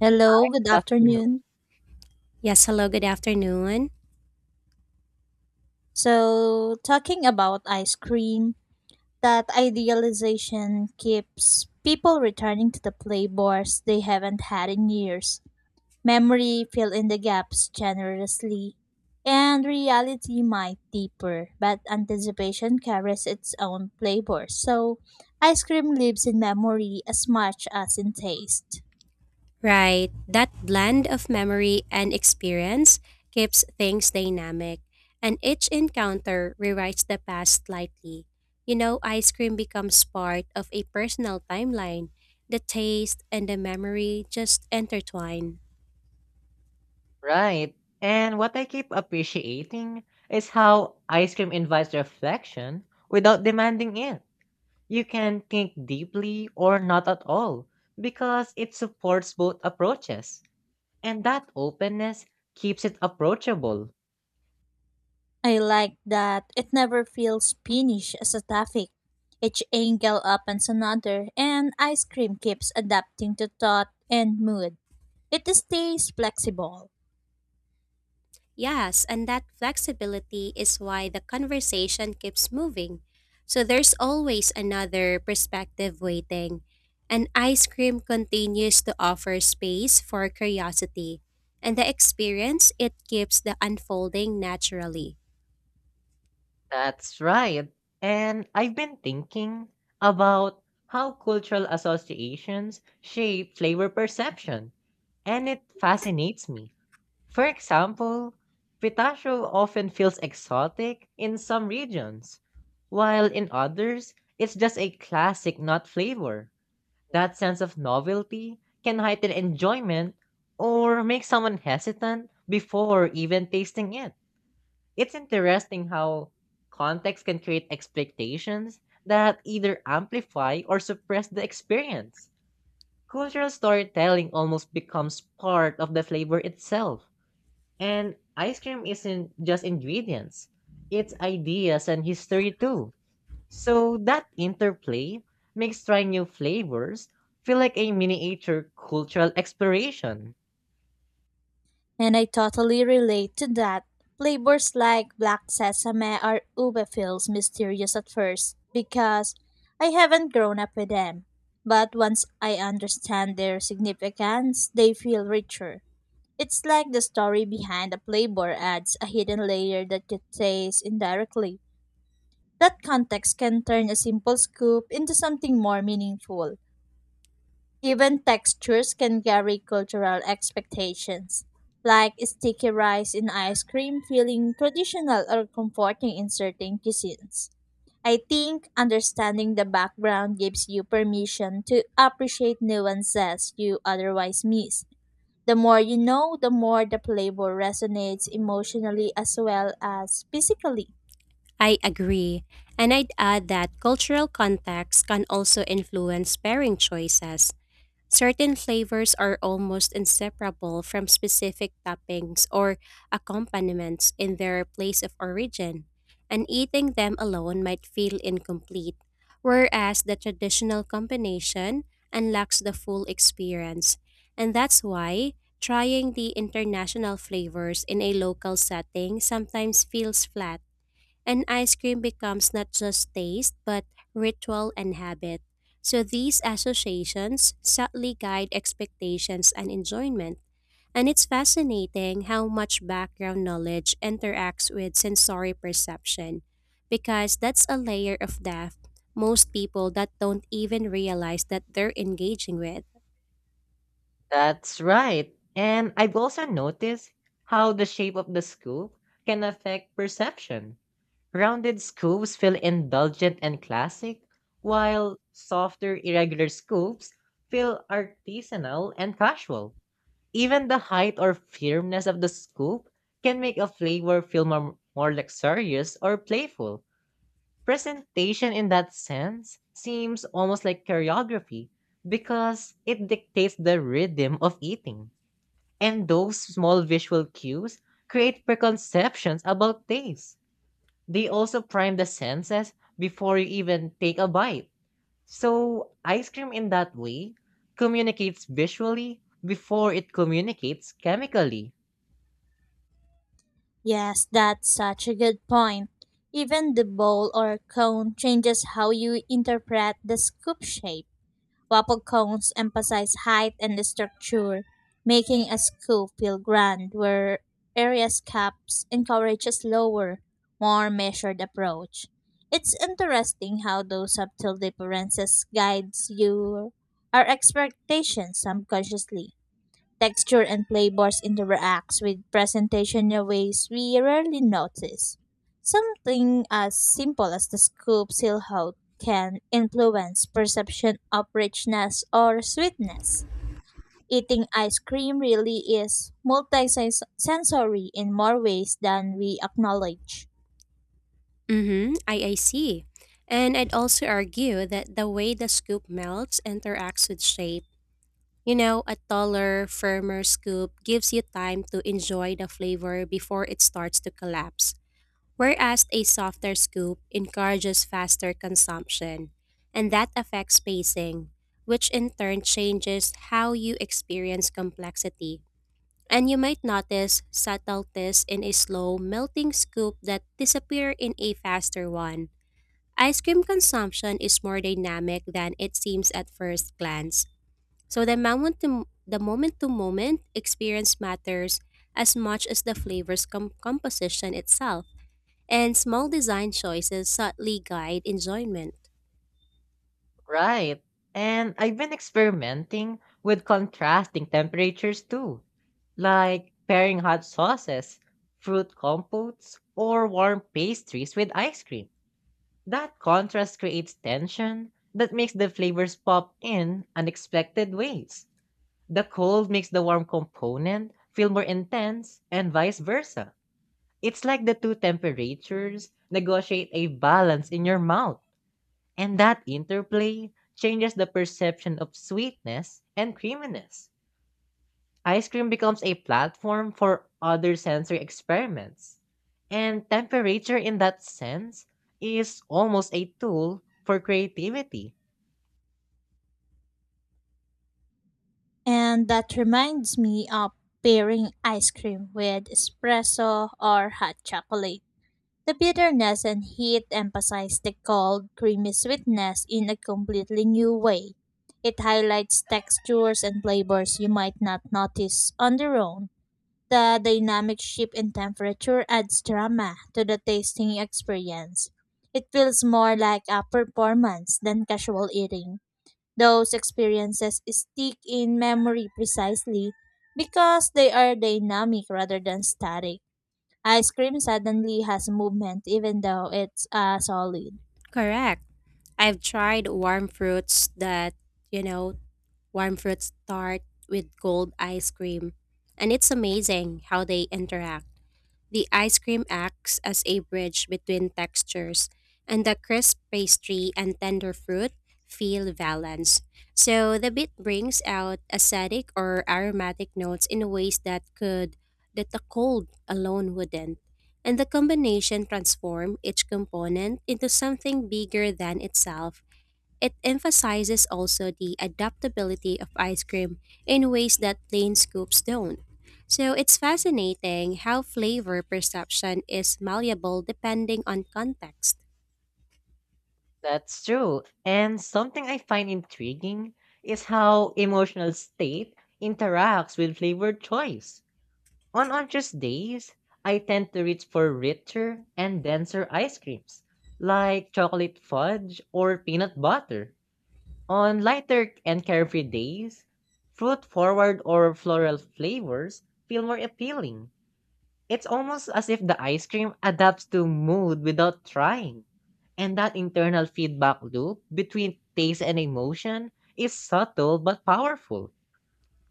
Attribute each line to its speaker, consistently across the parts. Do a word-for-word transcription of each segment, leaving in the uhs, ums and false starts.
Speaker 1: Hello, good
Speaker 2: Good afternoon.
Speaker 1: afternoon.
Speaker 3: Yes, hello, good afternoon.
Speaker 1: So, talking about ice cream, that idealization keeps people returning to the flavors they haven't had in years. Memory fill in the gaps generously, and reality might deeper, but anticipation carries its own flavor. So, ice cream lives in memory as much as in taste.
Speaker 3: Right, that blend of memory and experience keeps things dynamic, and each encounter rewrites the past slightly. You know, ice cream becomes part of a personal timeline. The taste and the memory just intertwine.
Speaker 2: Right. And what I keep appreciating is how ice cream invites reflection without demanding it. You can think deeply or not at all because it supports both approaches. And that openness keeps it approachable.
Speaker 1: I like that it never feels finished as a topic. Each angle opens another, and ice cream keeps adapting to thought and mood. It stays flexible,
Speaker 3: Yes, and that flexibility is why the conversation keeps moving. So there's always another perspective waiting. And ice cream continues to offer space for curiosity. And the experience, it keeps the unfolding naturally.
Speaker 2: That's right. And I've been thinking about how cultural associations shape flavor perception. And it fascinates me. For example, pistachio often feels exotic in some regions, while in others, it's just a classic nut flavor. That sense of novelty can heighten enjoyment or make someone hesitant before even tasting it. It's interesting how context can create expectations that either amplify or suppress the experience. Cultural storytelling almost becomes part of the flavor itself. And ice cream isn't just ingredients, it's ideas and history too. So that interplay makes trying new flavors feel like a miniature cultural exploration.
Speaker 1: and I totally relate to that. Flavors like black sesame or ube feels mysterious at first because I haven't grown up with them. But once I understand their significance, they feel richer. It's like the story behind a playboy adds a hidden layer that you taste indirectly. That context can turn a simple scoop into something more meaningful. Even textures can carry cultural expectations, like sticky rice in ice cream feeling traditional or comforting in certain cuisines. I think understanding the background gives you permission to appreciate nuances you otherwise miss. The more you know, the more the playbook resonates emotionally as well as physically.
Speaker 3: I agree. And I'd add that cultural context can also influence pairing choices. Certain flavors are almost inseparable from specific toppings or accompaniments in their place of origin, and eating them alone might feel incomplete, whereas the traditional combination unlocks the full experience. And that's why trying the international flavors in a local setting sometimes feels flat and ice cream becomes not just taste, but ritual and habit. So these associations subtly guide expectations and enjoyment. And it's fascinating how much background knowledge interacts with sensory perception, because that's a layer of depth most people that don't even realize that they're engaging with.
Speaker 2: That's right. And I've also noticed how the shape of the scoop can affect perception. Rounded scoops feel indulgent and classic, while softer, irregular scoops feel artisanal and casual. Even the height or firmness of the scoop can make a flavor feel more, more luxurious or playful. Presentation in that sense seems almost like choreography because it dictates the rhythm of eating. And those small visual cues create preconceptions about taste. They also prime the senses before you even take a bite. So, ice cream in that way communicates visually before it communicates chemically.
Speaker 1: Yes, that's such a good point. Even the bowl or cone changes how you interpret the scoop shape. Waffle cones emphasize height and structure, making a scoop feel grand, where area's cups encourage a slower, more measured approach. It's interesting how those subtle differences guides your our expectations subconsciously, texture and flavors interact with presentation in ways we rarely notice. Something as simple as the scoop seal hood can influence perception of richness or sweetness. Eating ice cream really is multisensory in more ways than we acknowledge.
Speaker 3: Mm-hmm. I, I see. And I'd also argue that the way the scoop melts interacts with shape. You know, a taller, firmer scoop gives you time to enjoy the flavor before it starts to collapse, whereas a softer scoop encourages faster consumption, and that affects pacing, which in turn changes how you experience complexity. And you might notice subtleties in a slow melting scoop that disappear in a faster one. Ice cream consumption is more dynamic than it seems at first glance, so the moment to the moment to moment experience matters as much as the flavor's com- composition itself, and small design choices subtly guide enjoyment.
Speaker 2: Right. And I've been experimenting with contrasting temperatures too, like pairing hot sauces, fruit compotes, or warm pastries with ice cream. That contrast creates tension that makes the flavors pop in unexpected ways. The cold makes the warm component feel more intense, and vice versa. It's like the two temperatures negotiate a balance in your mouth. And that interplay changes the perception of sweetness and creaminess. Ice cream becomes a platform for other sensory experiments. And temperature, in that sense, is almost a tool for creativity.
Speaker 1: And that reminds me of pairing ice cream with espresso or hot chocolate. The bitterness and heat emphasize the cold, creamy sweetness in a completely new way. It highlights textures and flavors you might not notice on their own. The dynamic shift in temperature adds drama to the tasting experience. It feels more like a performance than casual eating. Those experiences stick in memory precisely because they are dynamic rather than static. Ice cream suddenly has movement even though it's a solid.
Speaker 3: Correct. I've tried warm fruits that, you know, warm fruits start with gold ice cream, and it's amazing how they interact. The ice cream acts as a bridge between textures, and the crisp pastry and tender fruit feel balanced. So the bit brings out acidic or aromatic notes in ways that could that the cold alone wouldn't. And the combination transform each component into something bigger than itself, it emphasizes also the adaptability of ice cream in ways that plain scoops don't. So it's fascinating how flavor perception is malleable depending on context.
Speaker 2: That's true. And something I find intriguing is how emotional state interacts with flavor choice. On oranges days, I tend to reach for richer and denser ice creams, like chocolate fudge or peanut butter. On lighter and carefree days, fruit forward or floral flavors feel more appealing. It's almost as if the ice cream adapts to mood without trying. And that internal feedback loop between taste and emotion is subtle but powerful.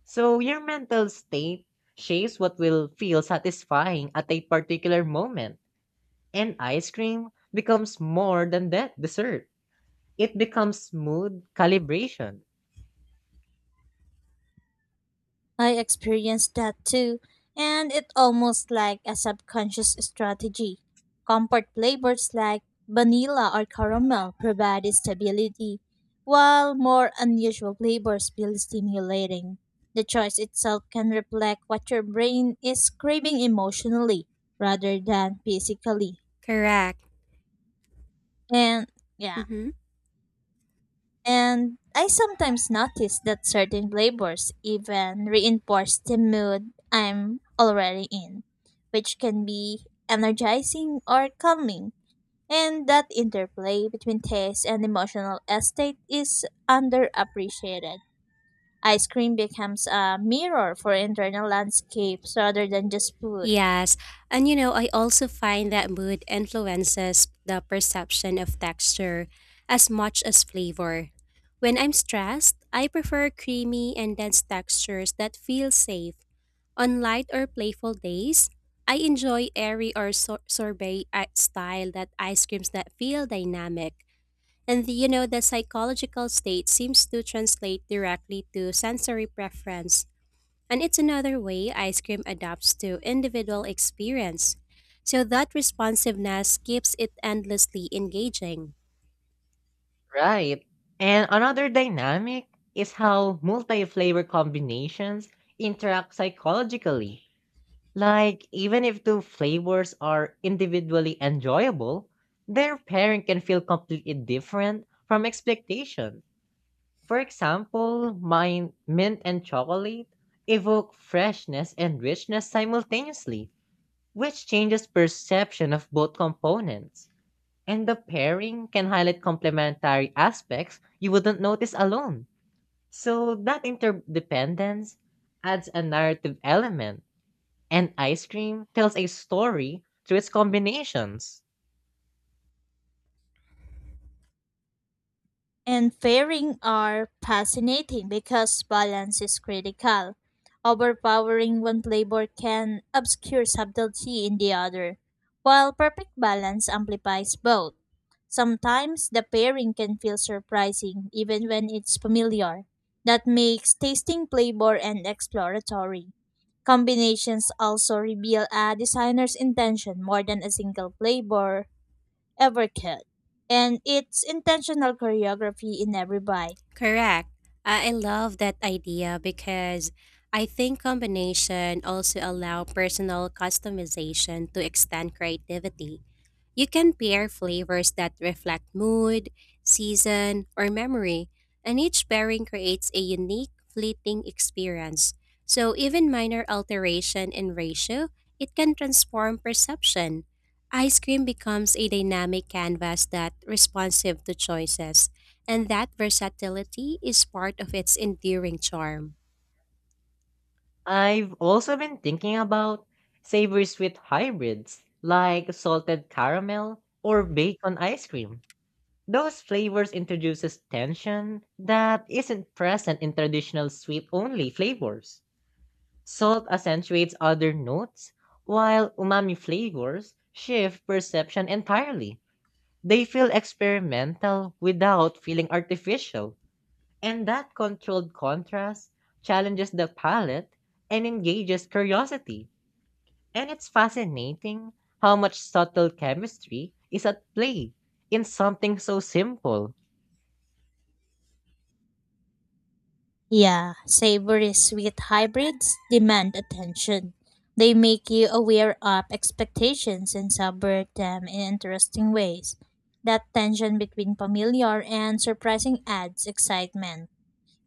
Speaker 2: So your mental state shapes what will feel satisfying at a particular moment. And ice cream becomes more than that dessert. It becomes mood calibration,
Speaker 1: I experienced that too, and it almost like a subconscious strategy. Comfort flavors like vanilla or caramel provide stability, while more unusual flavors feel stimulating. The choice itself can reflect what your brain is craving emotionally rather than physically.
Speaker 3: Correct.
Speaker 1: And yeah.
Speaker 3: Mm-hmm.
Speaker 1: And I sometimes notice that certain flavors even reinforce the mood I'm already in, which can be energizing or calming. And that interplay between taste and emotional state is underappreciated. Ice cream becomes a mirror for internal landscapes rather than just food.
Speaker 3: Yes, and you know, I also find that mood influences the perception of texture as much as flavor. When I'm stressed, I prefer creamy and dense textures that feel safe. On light or playful days, I enjoy airy or sor- sorbet i- style that ice creams that feel dynamic. And the, you know, the psychological state seems to translate directly to sensory preference. And it's another way ice cream adapts to individual experience. So that responsiveness keeps it endlessly engaging.
Speaker 2: right? And another dynamic is how multi-flavor combinations interact psychologically. Like even if two flavors are individually enjoyable, their pairing can feel completely different from expectation. For example, mine, mint and chocolate evoke freshness and richness simultaneously, which changes perception of both components. And the pairing can highlight complementary aspects you wouldn't notice alone. So that interdependence adds a narrative element, and ice cream tells a story through its combinations.
Speaker 1: And pairing are fascinating because balance is critical. Overpowering one flavor can obscure subtlety in the other, while perfect balance amplifies both. Sometimes the pairing can feel surprising even when it's familiar. That makes tasting flavor and exploratory. Combinations also reveal a designer's intention more than a single flavor ever could. And it's intentional choreography in every bite.
Speaker 3: Correct. I I love that idea because I think combination also allow personal customization to extend creativity. You can pair flavors that reflect mood, season, or memory, and each pairing creates a unique, fleeting experience. So, even minor alteration in ratio, it can transform perception. Ice cream becomes a dynamic canvas that responsive to choices, and that versatility is part of its enduring charm.
Speaker 2: I've also been thinking about savory sweet hybrids like salted caramel or bacon ice cream. Those flavors introduces tension that isn't present in traditional sweet only flavors. Salt accentuates other notes, while umami flavors shift perception entirely. They feel experimental without feeling artificial. And that controlled contrast challenges the palette and engages curiosity. And it's fascinating how much subtle chemistry is at play in something so simple.
Speaker 1: Yeah, savory sweet hybrids demand attention. They make you aware of expectations and subvert them in interesting ways. That tension between familiar and surprising adds excitement.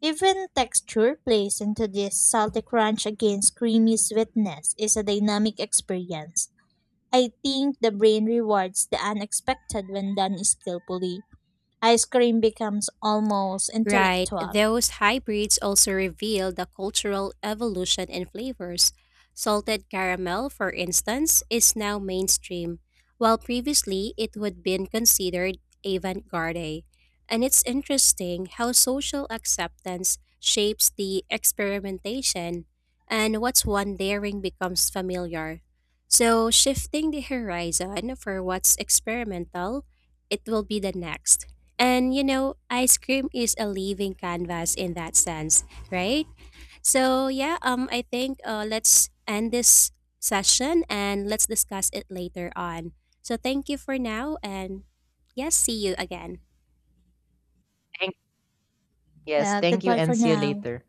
Speaker 1: Even texture plays into this salty crunch against creamy sweetness is a dynamic experience. I think the brain rewards the unexpected when done skillfully. Ice cream becomes almost
Speaker 3: Right,
Speaker 1: intellectual.
Speaker 3: those hybrids also reveal the cultural evolution in flavors. Salted caramel, for instance, is now mainstream, while previously it would been considered avant-garde. And it's interesting how social acceptance shapes the experimentation and what's one daring becomes familiar. So, shifting the horizon for what's experimental, it will be the next. And you know, ice cream is a living canvas in that sense, right? So yeah, um, I think uh, let's end this session and let's discuss it later on. So thank you for now, and yes, see you again.
Speaker 2: Thank- yes,
Speaker 1: Yeah,
Speaker 2: thank you
Speaker 1: goodbye
Speaker 2: and
Speaker 1: for
Speaker 2: see you
Speaker 1: now.
Speaker 2: later.